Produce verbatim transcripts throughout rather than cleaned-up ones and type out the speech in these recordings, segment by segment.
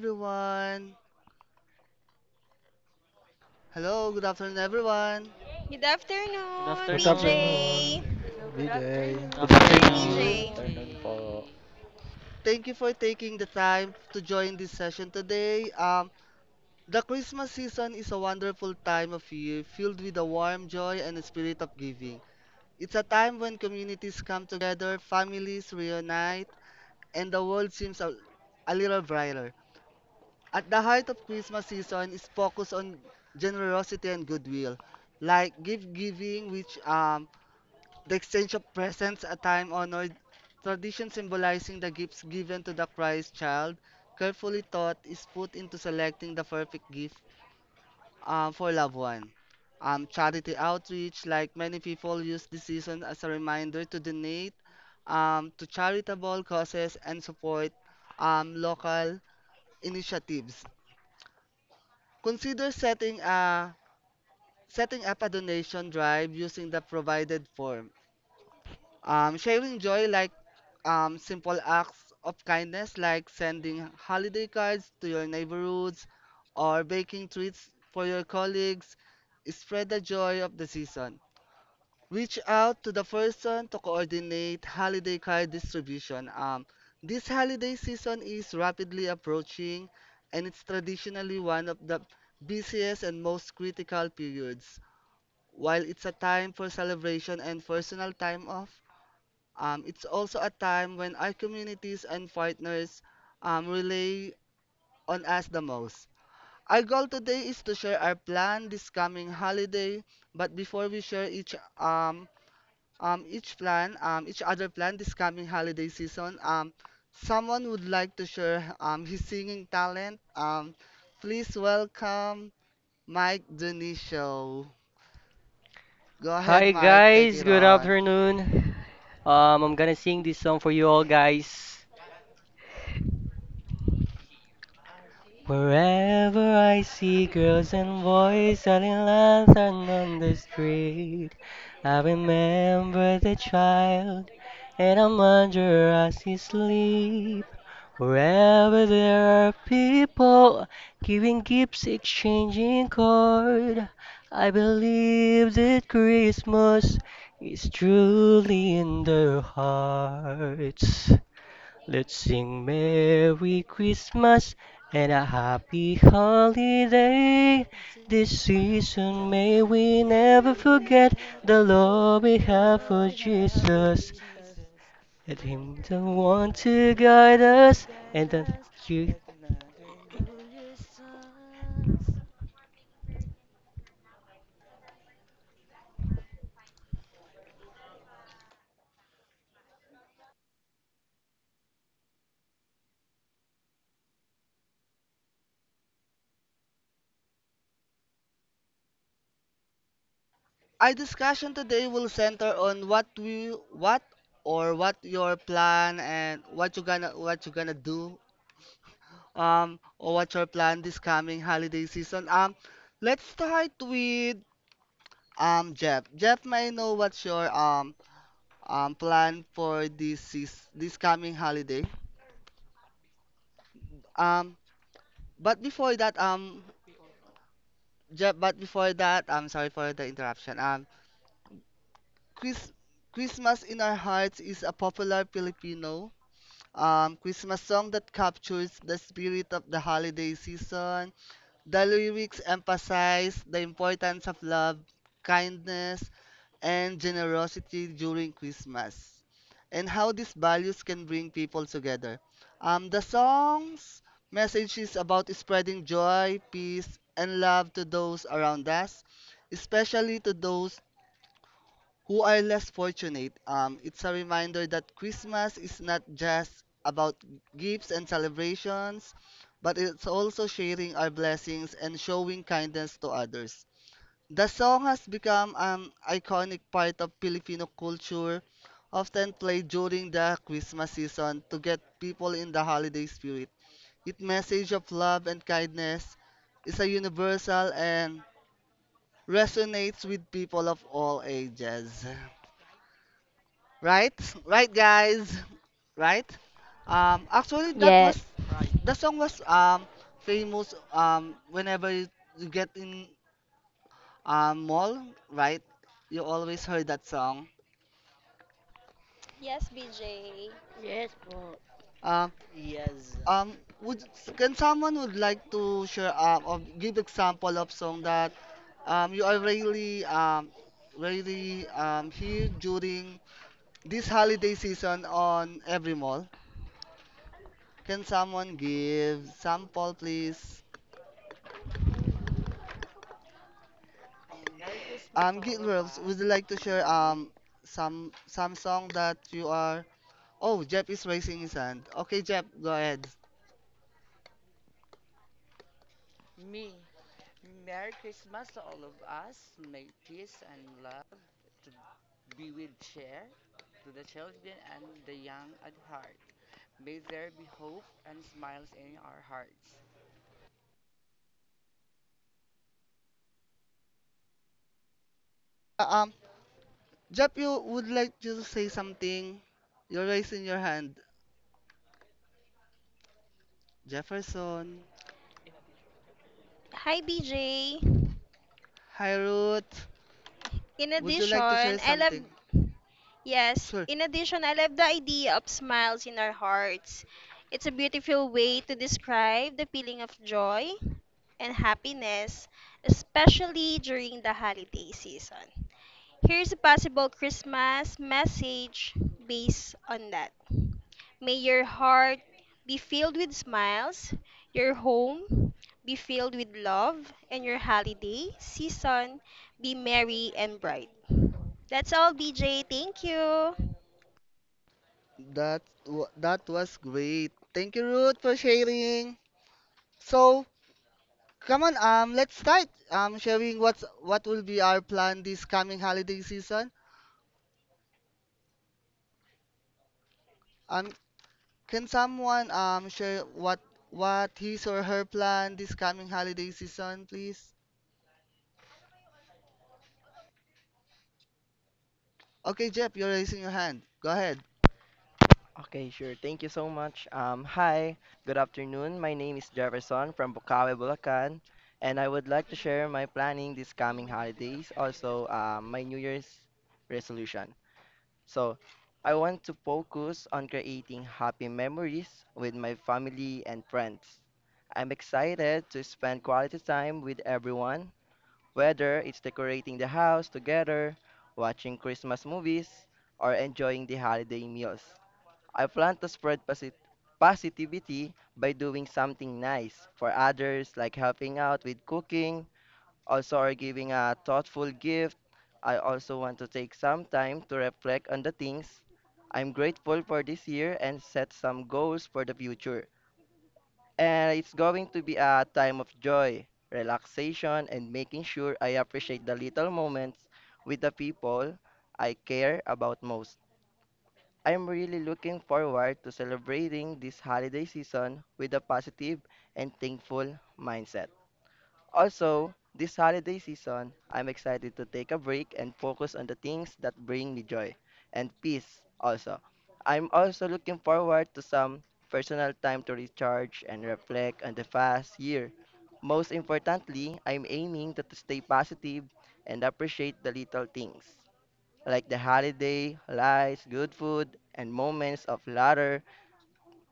everyone. Hello, good afternoon, everyone. Good Good afternoon, Good afternoon. B J. afternoon, Good Hello, good B J. Good Good afternoon, Good Thank BJ. afternoon, Good you. afternoon. afternoon. afternoon, afternoon A J. po. Thank you for taking the time to join this session today. Um, the Christmas season is a wonderful time of year filled with a warm joy and a spirit of giving. It's a time when communities come together, families reunite, and the world seems a, a little brighter. At the heart of Christmas season is focus on generosity and goodwill, like gift giving, which um, The exchange of presents, a time-honored tradition symbolizing the gifts given to the Christ child, carefully thought is put into selecting the perfect gift uh, for loved one. Um, charity outreach, like many people use this season as a reminder to donate um, to charitable causes and support um, local initiatives. Consider setting a setting up a donation drive using the provided form. Um, sharing joy like um, simple acts of kindness like sending holiday cards to your neighborhoods or baking treats for your colleagues. Spread the joy of the season. Reach out to the person to coordinate holiday card distribution. Um, this holiday season is rapidly approaching, and it's traditionally one of the busiest and most critical periods. While it's a time for celebration and personal time off, um, it's also a time when our communities and partners um, rely on us the most. Our goal today is to share our plan this coming holiday, but before we share each um, um, each plan, um, each other plan this coming holiday season, um, someone would like to share um, his singing talent. Um, please welcome Mike Dionisio. Go ahead, Hi Mike, take guys, it good on. afternoon. Um, I'm gonna sing this song for you all guys. Wherever I see girls and boys selling lantern on the street, I remember the child, and I wonder as he sleep. Wherever there are people giving gifts, exchanging cord, I believe that Christmas is truly in their hearts. Let's sing Merry Christmas and a Happy Holiday. Say This this season may is we we never And will forget never the forget love we the have love for love we we have have for for Jesus. Jesus. Jesus, Let that is Him the one now to wants guide to us and guide then us you. at another New Year's dance. Our discussion today will center on what we what or what your plan and what you gonna what you gonna do um or what your plan this coming holiday season. Um let's start with um Jeff. Jeff, may I know what's your um um plan for this seas- this coming holiday. Um but before that, um Jeff, but before that, I'm sorry for the interruption. Um Chris Christmas in Our Hearts is a popular Filipino um, Christmas song that captures the spirit of the holiday season. The lyrics emphasize the importance of love, kindness, and generosity during Christmas, and how these values can bring people together. Um, the song's message is about spreading joy, peace, and love to those around us, especially to those who are less fortunate. Um, it's a reminder that Christmas is not just about gifts and celebrations, but it's also sharing our blessings and showing kindness to others. The song has become an iconic part of Filipino culture, often played during the Christmas season to get people in the holiday spirit. Its message of love and kindness is a universal and resonates with people of all ages. Right? Right, guys. Right? Um, actually, that Yeah. was Right. the song was um famous um whenever you, you get in um mall, right? You always heard that song. Yes, BJ. Yes po. Um, Yes. um, would can someone would like to share um or give example of song that um you are really um really um here during this holiday season on every mall? Can someone give sample, please? Um, Merry Christmas, Um, all Guild of Worlds, would you us. like to share May, um some some song that you are? Oh, Jeff is raising his hand. Okay, Jeff, go ahead. me. Merry Christmas to all of us. May peace and love to be with cheer to the children and the young at heart. May there be hope and smiles in our hearts. Uh, um, Jeff, you would like you to say something? You're raising your hand. Jefferson, Hi, B J. hi Ruth. In Would you addition, like to share I love something? Yes, Sure. in addition, I love the idea of smiles in our hearts. It's a beautiful way to describe the feeling of joy and happiness, especially during the holiday season. Here's a possible Christmas message based on that. May your heart be filled with smiles, your home be filled with love, and your holiday season be merry and bright. That's all, B J. Thank you. That wa- that was great. Thank you, Ruth, for sharing. So, come on, um, let's start um sharing what's what will be our plan this coming holiday season. Um, Can someone um share what what his or her plan this coming holiday season, please? Okay, Jeff, you're raising your hand. Go ahead. Okay, sure. Thank you so much. Um, hi, good afternoon. My name is Jefferson from Bukawi, Bulacan, and I would like to share my planning this coming holidays, also um, my New Year's resolution. So, I want to focus on creating happy memories with my family and friends. I'm excited to spend quality time with everyone, whether it's decorating the house together, watching Christmas movies, or enjoying the holiday meals. I plan to spread posit- positivity by doing something nice for others, like helping out with cooking, also or giving a thoughtful gift. I also want to take some time to reflect on the things I'm grateful for this year and set some goals for the future. And it's going to be a time of joy, relaxation, and making sure I appreciate the little moments with the people I care about most. I'm really looking forward to celebrating this holiday season with a positive and thankful mindset. Also, this holiday season, I'm excited to take a break and focus on the things that bring me joy and peace also. I'm also looking forward to some personal time to recharge and reflect on the past year. Most importantly, I'm aiming to to stay positive and appreciate the little things like the holiday, lights, good food, and moments of laughter.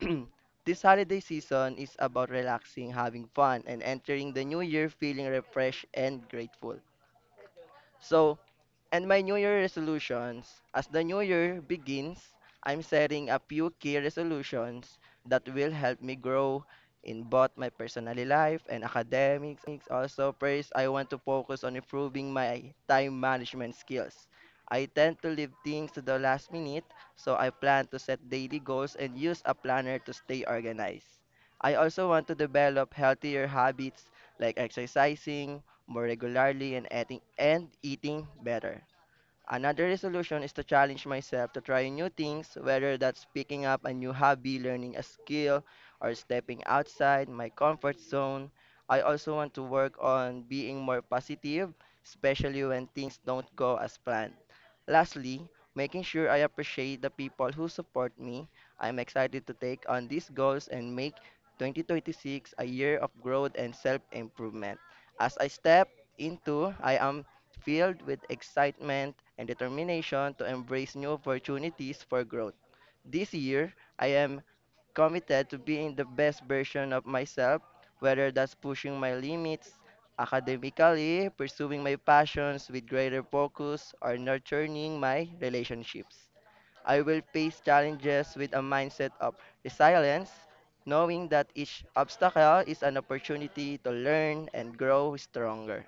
This holiday season is about relaxing, having fun, and entering the new year feeling refreshed and grateful. So, and my New Year resolutions. As the New Year begins, I'm setting a few key resolutions that will help me grow in both my personal life and academics. Also, first, I want to focus on improving my time management skills. I tend to leave things to the last minute, so I plan to set daily goals and use a planner to stay organized. I also want to develop healthier habits like exercising more regularly and eating, and eating better. Another resolution is to challenge myself to try new things, whether that's picking up a new hobby, learning a skill, or stepping outside my comfort zone. I also want to work on being more positive, especially when things don't go as planned. Lastly, making sure I appreciate the people who support me. I'm excited to take on these goals and make twenty twenty-six a year of growth and self improvement. As I step into, I am filled with excitement and determination to embrace new opportunities for growth. This year, I am committed to being the best version of myself, whether that's pushing my limits academically, pursuing my passions with greater focus, or nurturing my relationships. I will face challenges with a mindset of resilience, knowing that each obstacle is an opportunity to learn and grow stronger.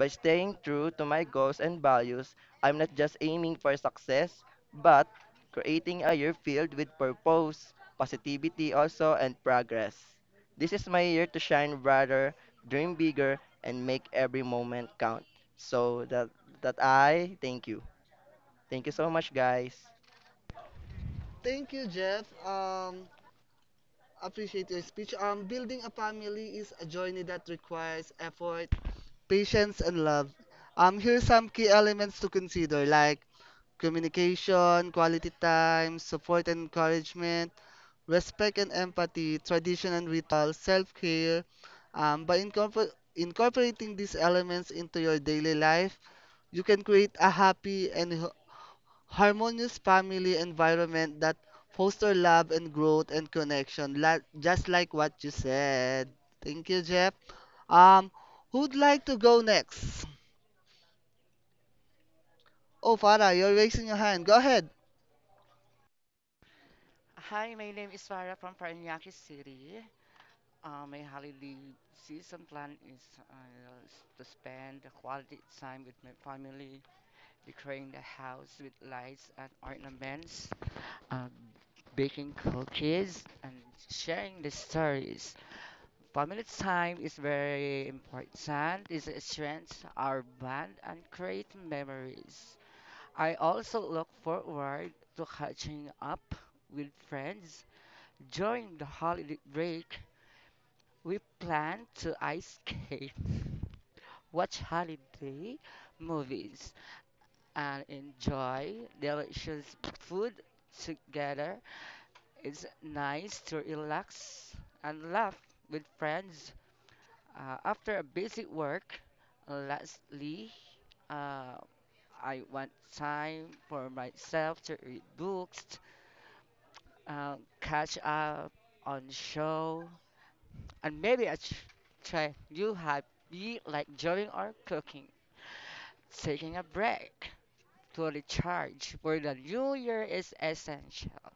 By staying true to my goals and values, I'm not just aiming for success, but creating a year filled with purpose, positivity also, and progress. This is my year to shine brighter, dream bigger, and make every moment count. So that that I thank you. Thank you so much, guys. Thank you, Jeff. Um, Appreciate your speech. Um, building a family is a journey that requires effort, patience, and love. Um, here are some key elements to consider, like communication, quality time, support and encouragement, respect and empathy, tradition and ritual, self-care. Um, by incorpor- incorporating these elements into your daily life, you can create a happy and h- harmonious family environment that foster love and growth and connection, la- just like what you said. Thank you, Jeff. Um, who'd like to go next? Oh, Farah, you're raising your hand. Go ahead. Hi, my name is Farah from Paranaque City. Uh, my holiday season plan is uh, to spend the quality time with my family, decorating the house with lights and ornaments, uh, baking cookies, and sharing the stories. Family time is very important. It strengthens our bond and creates memories. I also look forward to catching up with friends. During the holiday break, we plan to ice skate, watch holiday movies, and enjoy delicious food together. It's nice to relax and laugh with friends. Uh, after a busy work, lastly, uh, I want time for myself to read books, uh, catch up on show, and maybe I ch- try new hobby like drawing or cooking. Taking a break to recharge for the new year is essential.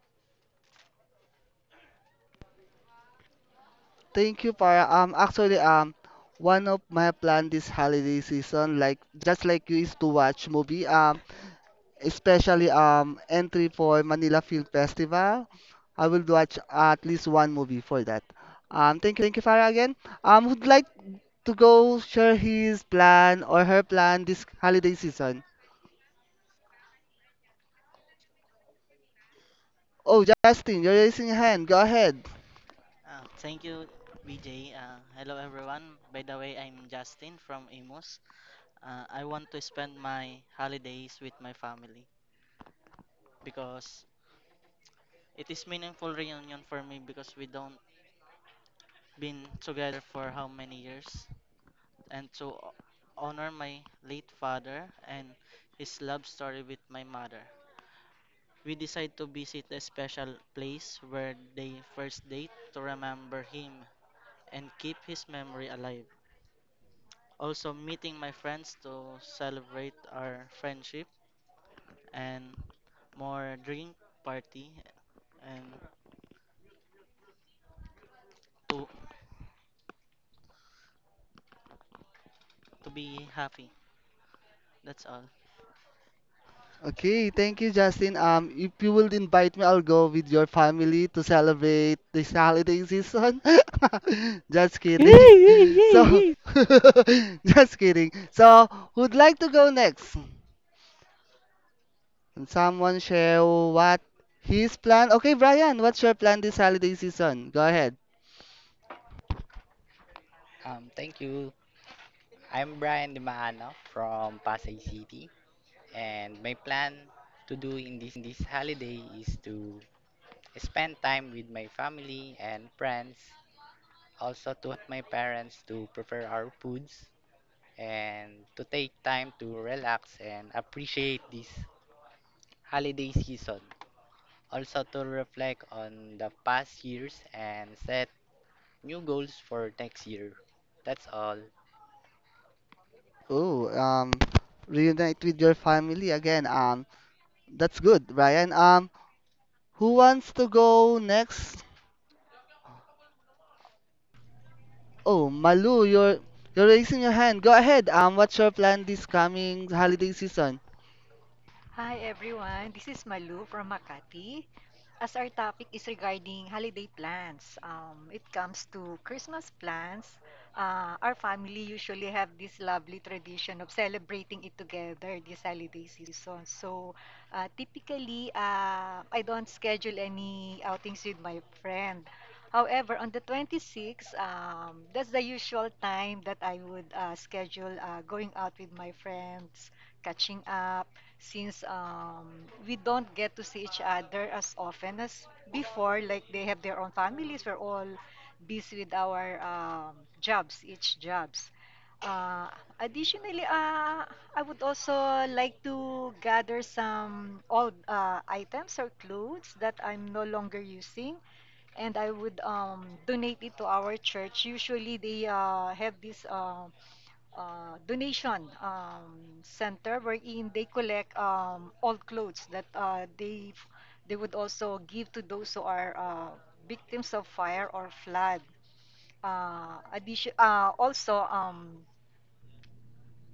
Thank you, Farah. Um, actually, um, one of my plan this holiday season, like just like you, is to watch movie. Um, especially um entry for Manila Film Festival. I will watch at least one movie for that. Um, thank you, Farah, again. Um, would like to go share his plan or her plan this holiday season. Oh, Justin, you're raising your hand. Go ahead. Uh, Thank you, B J. Uh, hello, everyone. By the way, I'm Justin from Imus. Uh, I want to spend my holidays with my family because it is meaningful reunion for me because we don't been together for how many years and to honor my late father and his love story with my mother. We decide to visit a special place where they first date to remember him and keep his memory alive. Also, meeting my friends to celebrate our friendship and more drink party and to, to be happy. That's all. Okay, thank you, Justin. Um, if you will invite me, I'll go with your family to celebrate this holiday season. Just kidding. Happy So, just kidding. So, who'd like to go next? Can someone share what his plan? Okay, Brian, what's your plan this holiday season? Go ahead. Um, thank you. I'm Brian Dimaano from Pasay City, and my plan to do in this holiday is to spend time with my family and friends, also to help my parents to prepare our foods, and to take time to relax and appreciate this holiday season. Also to reflect on the past years and set new goals for next year. That's all. Oh, um, reunite with your family again. Um, that's good, Brian. Um, who wants to go next? Oh, Malu, you're you're raising your hand. Go ahead. Um, what's your plan this coming holiday season? Hi everyone, this is Malu from Makati. As our topic is regarding holiday plans, um, it comes to Christmas plans. Uh, our family usually have this lovely tradition of celebrating it together this holiday season. So, uh, typically, uh, I don't schedule any outings with my friend. However, on the twenty-sixth, um, that's the usual time that I would uh, schedule uh, going out with my friends, catching up since um, we don't get to see each other as often as before. Like they have their own families. We're all busy with our um, jobs, each jobs. Uh, Additionally, uh, I would also like to gather some old uh, items or clothes that I'm no longer using, and I would um, donate it to our church. Usually, they uh, have this uh, uh, donation um, center wherein they collect um, old clothes that uh, they they would also give to those who are uh, victims of fire or flood. Uh, addition, uh, also, um,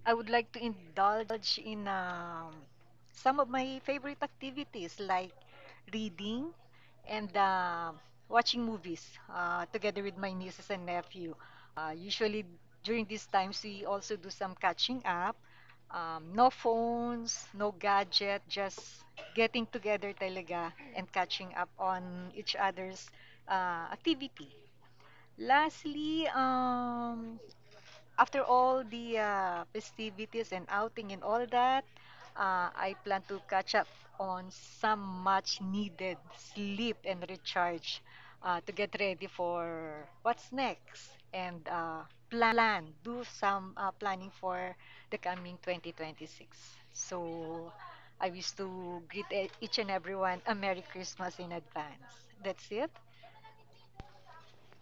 I would like to indulge in um, some of my favorite activities like reading and um watching movies uh, together with my nieces and nephew. Uh, usually during these times, we also do some catching up. Um, no phones, no gadget, just getting together talaga and catching up on each other's uh, activity. Lastly, um, after all the uh, festivities and outing and all that, uh, I plan to catch up on some much needed sleep and recharge uh, to get ready for what's next and uh, plan, do some uh, planning for the coming twenty twenty-six. So I wish to greet e- each and everyone a Merry Christmas in advance. That's it.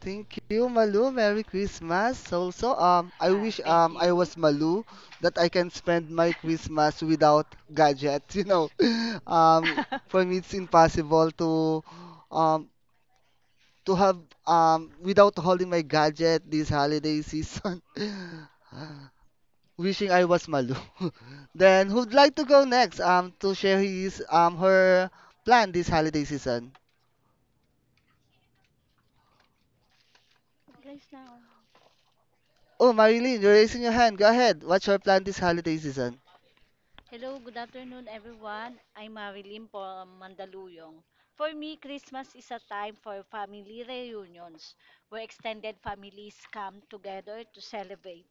Thank you, Malu. Merry Christmas. Also, um, I Uh, wish Thank um I you. was Malu that I can spend my Christmas without gadgets. You know, um, for me it's impossible to um to have um without holding my gadget this holiday season. Wishing I was Malu. Then who'd like to go next? Um, to share his um her plan this holiday season. guys. Na Oh, Marilyn, you're raising your hand. Go ahead. What's your plan this holiday season? Hello, good afternoon, everyone. I'm Marilyn from Mandaluyong. For me, Christmas is a time for family reunions where extended families come together to celebrate.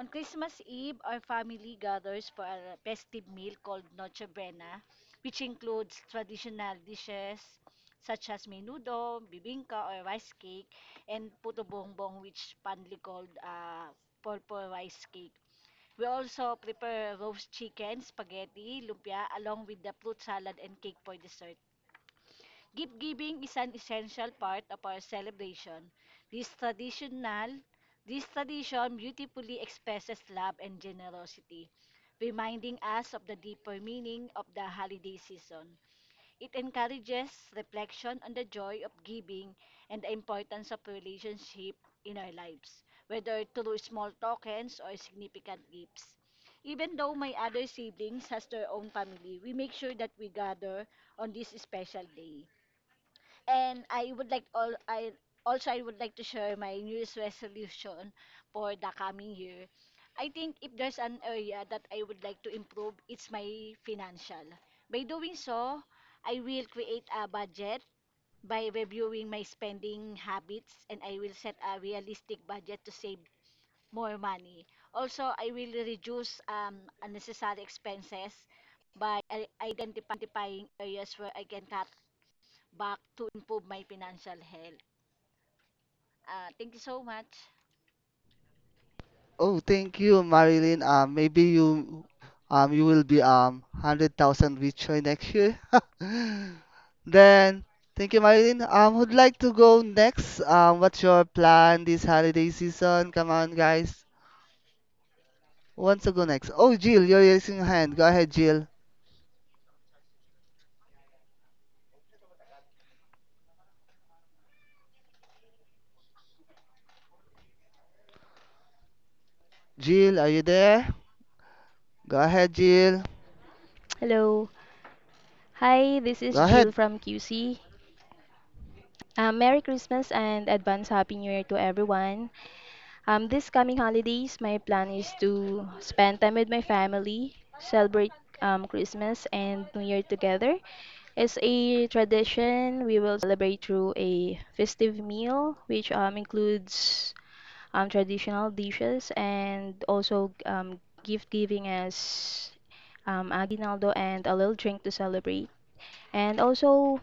On Christmas Eve, our family gathers for a festive meal called Noche Buena, which includes traditional dishes such as menudo, bibingka or rice cake, and puto bongbong, which fondly called uh, purple rice cake. We also prepare roast chicken, spaghetti, lumpia, along with the fruit salad and cake for dessert. Gift giving is an essential part of our celebration. This traditional, this tradition beautifully expresses love and generosity, reminding us of the deeper meaning of the holiday season. It encourages reflection on the joy of giving and the importance of relationship in our lives, whether through small tokens or significant gifts. Even though my other siblings has their own family, we make sure that we gather on this special day. And I would like all I also I would like to share my New Year's resolution for the coming year. I think if there's an area that I would like to improve, it's my financial. By doing so, I will create a budget by reviewing my spending habits, and I will set a realistic budget to save more money. Also, I will reduce um, unnecessary expenses by i- identifying areas where I can cut back to improve my financial health. Ah, thank you so much. Oh, thank you, Marilyn. Um, maybe you, um, you will be um hundred thousand richer next year. Then, thank you, Marilyn. Um, would like to go next? Um, what's your plan this holiday season? Come on, guys. Who wants to go next? Oh, Jill, you're raising your hand. Go ahead, Jill. Jill, are you there? Go ahead, Jill. Hello. Hi, this Go is Jill ahead. from Q C. Um, Merry Christmas and advance Happy New Year to everyone. Um, this coming holidays, my plan is to spend time with my family, celebrate um, Christmas and New Year together. As a tradition, we will celebrate through a festive meal, which um, includes um, traditional dishes and also um, gift giving as um, aguinaldo and a little drink to celebrate. And also,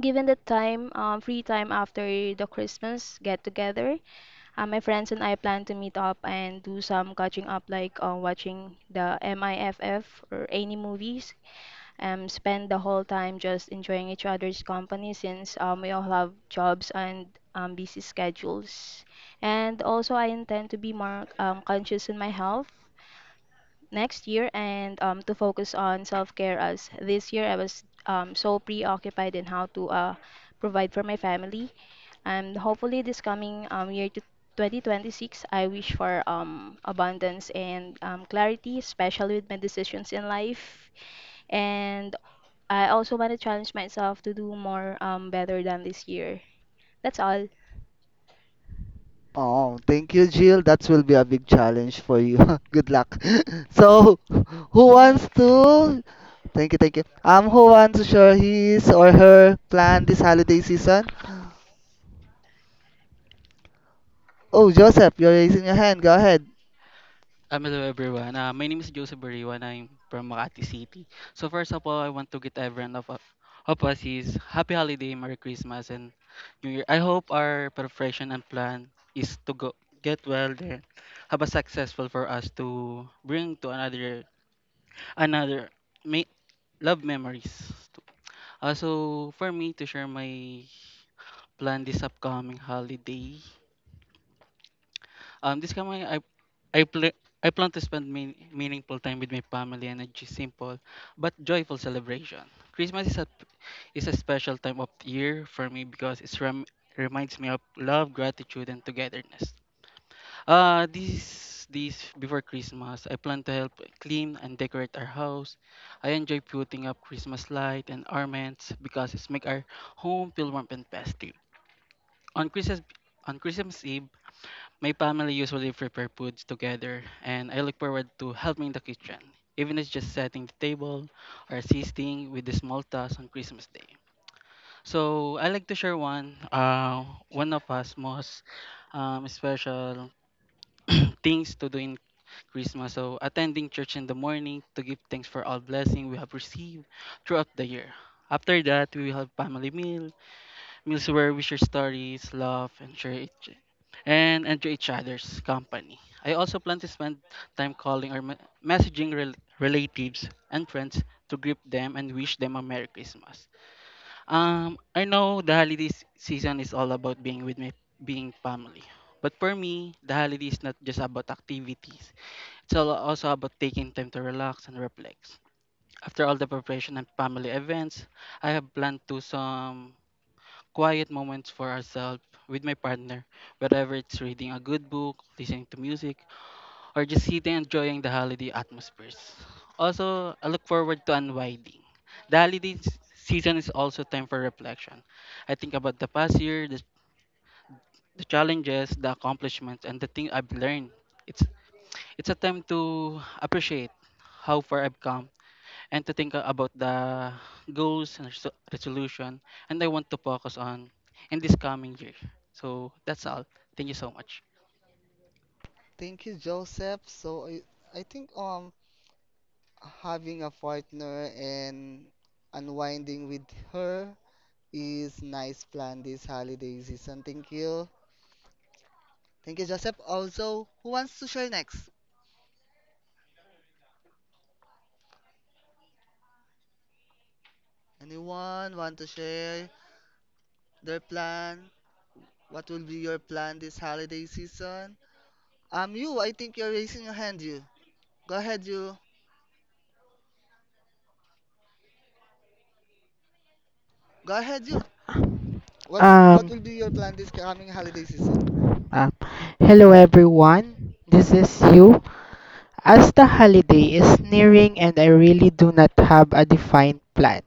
given the time, um, free time after the Christmas get together, uh, my friends and I plan to meet up and do some catching up, like uh, watching the M I F F or any movies. Um, spend the whole time just enjoying each other's company since um, we all have jobs and um, busy schedules. And also, I intend to be more um, conscious in my health next year and um, to focus on self-care, as this year I was um, so preoccupied in how to uh, provide for my family. And hopefully this coming um, year to twenty twenty-six, I wish for um, abundance and um, clarity, especially with my decisions in life, and I also want to challenge myself to do more um, better than this year. That's all, Oh, thank you, Jill. That will be a big challenge for you. Good luck. So, who wants thanks. to? Thank you, thank you. Um, who wants to share his or her plan this holiday season? Oh, Joseph, you're raising your hand. Go ahead. Um, hello everyone. Uh, my name is Joseph Bariwa and I'm from Makati City. So first of all, I want to get everyone of, of us is happy holiday, Merry Christmas and New Year. I hope our preparation and plan is to go get well there, have a successful for us to bring to another another may love memories. Uh, so for me to share my plan this upcoming holiday, Um, this coming, I I pl- I plan to spend mean- meaningful time with my family and a j- simple but joyful celebration. Christmas is a is a special time of the year for me because it rem- reminds me of love, gratitude, and togetherness. Uh, this this before Christmas, I plan to help clean and decorate our house. I enjoy putting up Christmas light and ornaments because it make our home feel warm and festive. On Christmas on Christmas Eve, my family usually prepare foods together, and I look forward to helping in the kitchen, even if it's just setting the table or assisting with the small tasks on Christmas Day. So I like to share one, uh, one of us most um, special things to do in Christmas. So attending church in the morning to give thanks for all blessing we have received throughout the year. After that, we will have family meal meals where we share stories, laugh, and share each and enjoy each other's company. I also plan to spend time calling or me- messaging rel- relatives and friends to greet them and wish them a Merry Christmas. Um, I know the holiday s- season is all about being with me, being family. But for me, the holiday is not just about activities. It's al- also about taking time to relax and reflect. After all the preparation and family events, I have planned to some quiet moments for ourselves with my partner, whether it's reading a good book, listening to music, or just sitting and enjoying the holiday atmospheres. Also, I look forward to unwinding. The holiday s- season is also time for reflection. I think about the past year, the, the challenges, the accomplishments, and the thing I've learned. It's it's a time to appreciate how far I've come and to think uh, about the goals and resol- resolution and I want to focus on in this coming year. So that's all. Thank you so much. Thank you, Joseph. So I, I think um having a partner and unwinding with her is nice plan this holiday season. Thank you. Thank you, Joseph. Also, who wants to share next? Anyone want to share their plan? What will be your plan this holiday season? Um, you, I think you're raising your hand, you. Go ahead, you. Go ahead, you. What's, what Um, will be your plan this coming holiday season? uh, Hello everyone. This is you. As the holiday is nearing, and I really do not have a defined plan,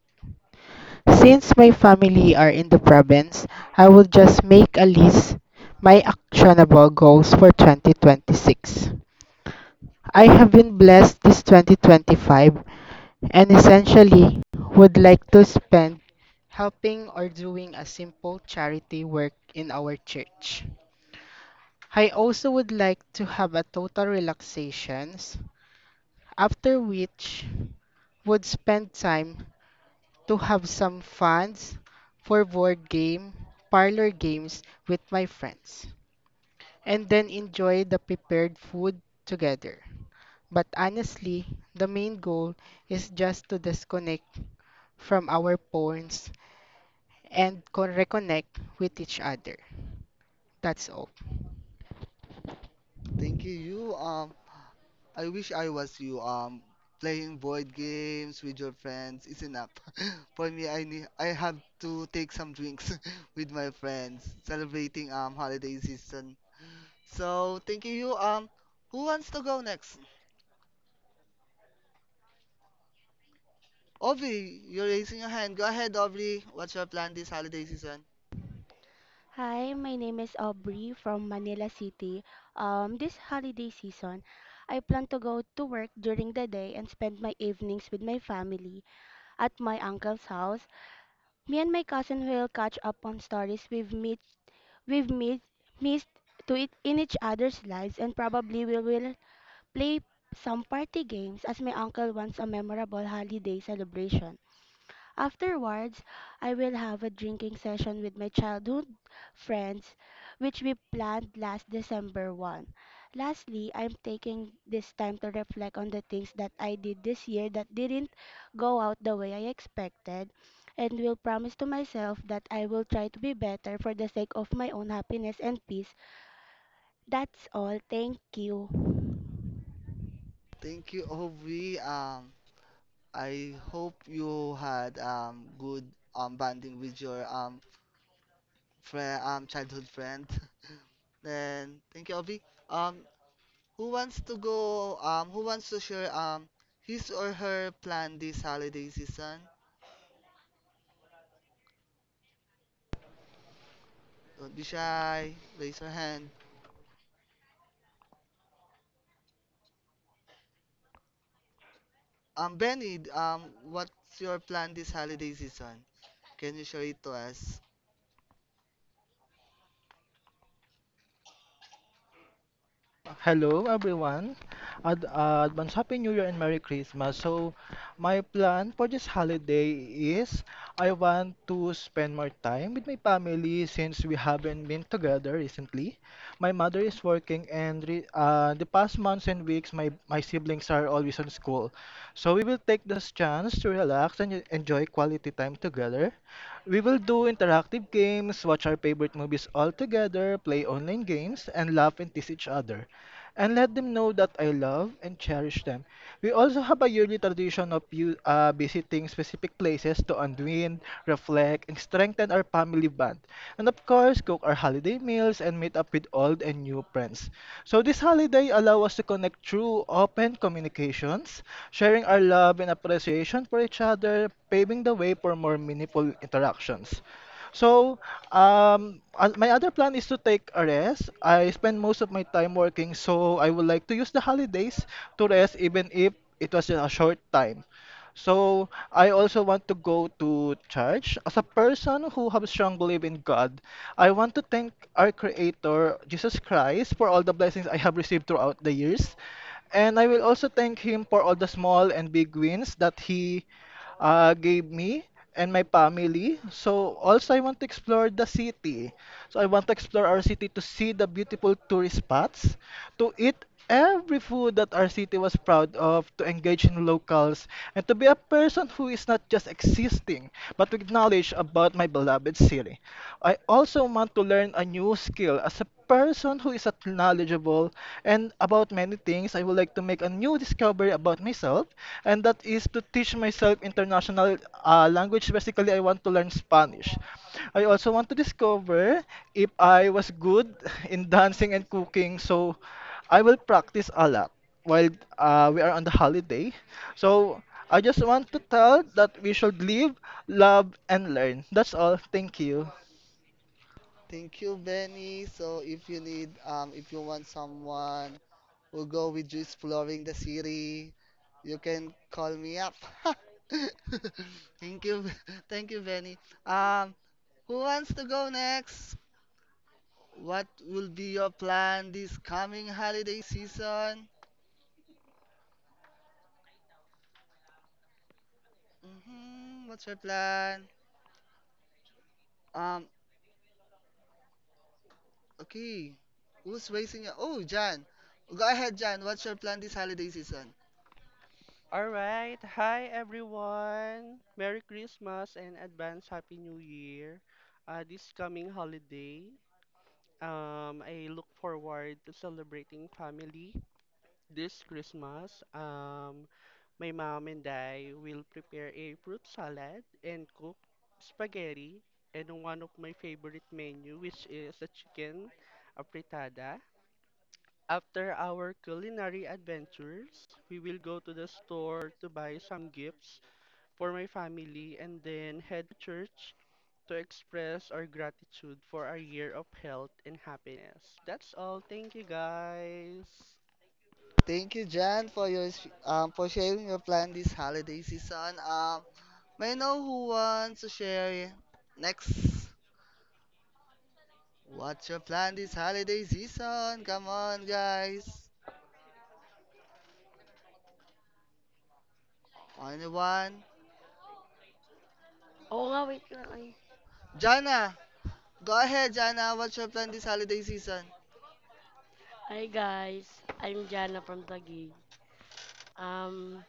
since my family are in the province, I will just make a list my actionable goals for twenty twenty-six. I have been blessed this twenty twenty-five and essentially would like to spend helping or doing a simple charity work in our church. I also would like to have a total relaxations, after which would spend time to have some funds for board game, parlor games with my friends, and then enjoy the prepared food together. But honestly, the main goal is just to disconnect from our phones and co- reconnect with each other. That's all. Thank you, you. Um, I wish I was you. Um, playing board games with your friends is enough. For me, I need, I have to take some drinks with my friends, celebrating um holiday season. So thank you, you. Um, who wants to go next? Aubrey, you're raising your hand. Go ahead, Aubrey. What's your plan this holiday season? Hi, my name is Aubrey from Manila City. Um, this holiday season, I plan to go to work during the day and spend my evenings with my family at my uncle's house. Me and my cousin will catch up on stories we've meet, we've meet, missed to it in each other's lives, and probably we will play some party games as my uncle wants a memorable holiday celebration. Afterwards, I will have a drinking session with my childhood friends, which we planned last December first. Lastly, I'm taking this time to reflect on the things that I did this year that didn't go out the way I expected, and will promise to myself that I will try to be better for the sake of my own happiness and peace. That's all. Thank you. Thank you, Aubrey. Um, I hope you had um good um bonding with your um friend, um childhood friend. Then thank you, Obi. Um, who wants to go? Um, who wants to share um his or her plan this holiday season? Don't be shy. Raise your hand. Um, Benny, um, what's your plan this holiday season? Can you share it to us? Hello, everyone. Ad uh, advance Happy New Year and Merry Christmas. So, my plan for this holiday is I want to spend more time with my family since we haven't been together recently. My mother is working, and re uh, the past months and weeks, my, my siblings are always on school. So, we will take this chance to relax and enjoy quality time together. We will do interactive games, watch our favorite movies all together, play online games, and laugh and tease each other, and let them know that I love and cherish them. We also have a yearly tradition of you uh, visiting specific places to unwind, reflect, and strengthen our family bond, and of course, cook our holiday meals and meet up with old and new friends. So this holiday allow us to connect through open communications, sharing our love and appreciation appreciation for each other, paving the way for more meaningful interactions. So, um, uh, my other plan is to take a rest. I spend most of my time working, so I would like to use the holidays to rest, even if it was in a short time. So, I also want to go to church. As a person who has strong belief in God, I want to thank our Creator, Jesus Christ, for all the blessings I have received throughout the years. And I will also thank him for all the small and big wins that he uh, gave me and my family. So also I want to explore the city. So I want to explore our city to see the beautiful tourist spots, to eat every food that our city was proud of, to engage in locals, and to be a person who is not just existing, but with knowledge about my beloved city. I also want to learn a new skill as a person who is at knowledgeable and about many things. I would like to make a new discovery about myself, and that is to teach myself international uh, language. Basically, I want to learn Spanish. I also want to discover if I was good in dancing and cooking, so I will practice a lot while uh, we are on the holiday. So I just want to tell that we should live, love, and learn. That's all. Thank you. Thank you, Benny. So if you need, um, if you want someone who go with you exploring the city, you can call me up. Thank you, thank you, Benny. Um, who wants to go next? What will be your plan this coming holiday season? hmm What's your plan? Um, okay. Who's raising your? Oh, Jan. Go ahead, Jan. What's your plan this holiday season? All right. Hi, everyone. Merry Christmas and advance Happy New Year. Uh, this coming holiday, um, I look forward to celebrating family this Christmas. Um, my mom and I will prepare a fruit salad and cook spaghetti and one of my favorite menu, which is a chicken frittata. After our culinary adventures, we will go to the store to buy some gifts for my family, and then head to church to express our gratitude for our year of health and happiness. That's all. Thank you, guys. Thank you, Jan, for your s- um for sharing your plan this holiday season. Um, may I know who wants to share next? What's your plan this holiday season? Come on, guys. Anyone? Oo nga, wait lang ay. Jana, go ahead, Jana. What's your plan this holiday season? Hi guys, I'm Jana from Taguig. Um,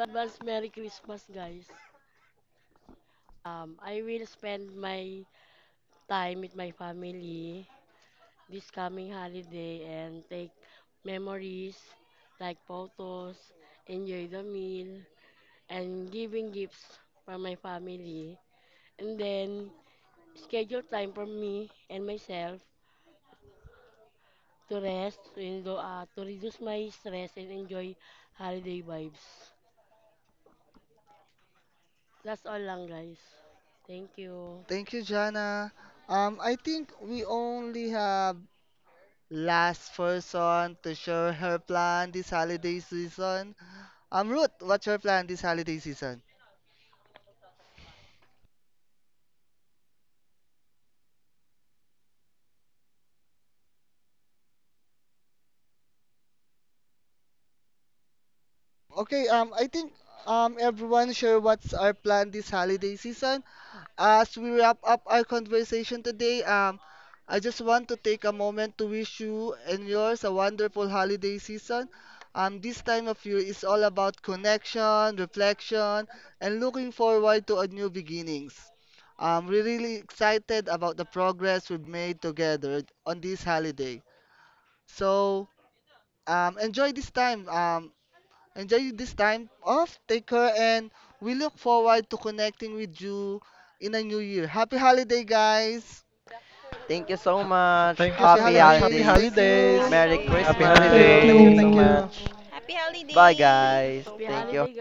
Advance Merry Christmas, guys. Um, I will spend my time with my family this coming holiday and take memories like photos, enjoy the meal, and giving gifts from my family. And then schedule time for me and myself to rest, to, enjoy, uh, to reduce my stress and enjoy holiday vibes. That's all lang, guys. Thank you. Thank you, Jana. Um, I think we only have last person to share her plan this holiday season. Um, Ruth, what's your plan this holiday season? Okay, um, I think um everyone share what's our plan this holiday season. As we wrap up our conversation today, um, I just want to take a moment to wish you and yours a wonderful holiday season. Um, this time of year is all about connection, reflection, and looking forward to a new beginnings. Um, we're really excited about the progress we've made together on this holiday. So, um, enjoy this time. Um, Enjoy this time off. Take care, and we look forward to connecting with you in a new year. Happy holiday, guys. Thank you so much. Thank you Happy so Happy much. Happy holidays. Thank holidays. Happy Thank you. you holidays. Holiday. Merry so Happy much. Thank Thank holiday. you, Thank Christmas. thank you. you. you, Thank you so thank Holiday. you. much. Happy Bye, Thank holiday. you guys. so Happy Thank much. you. holiday, guys!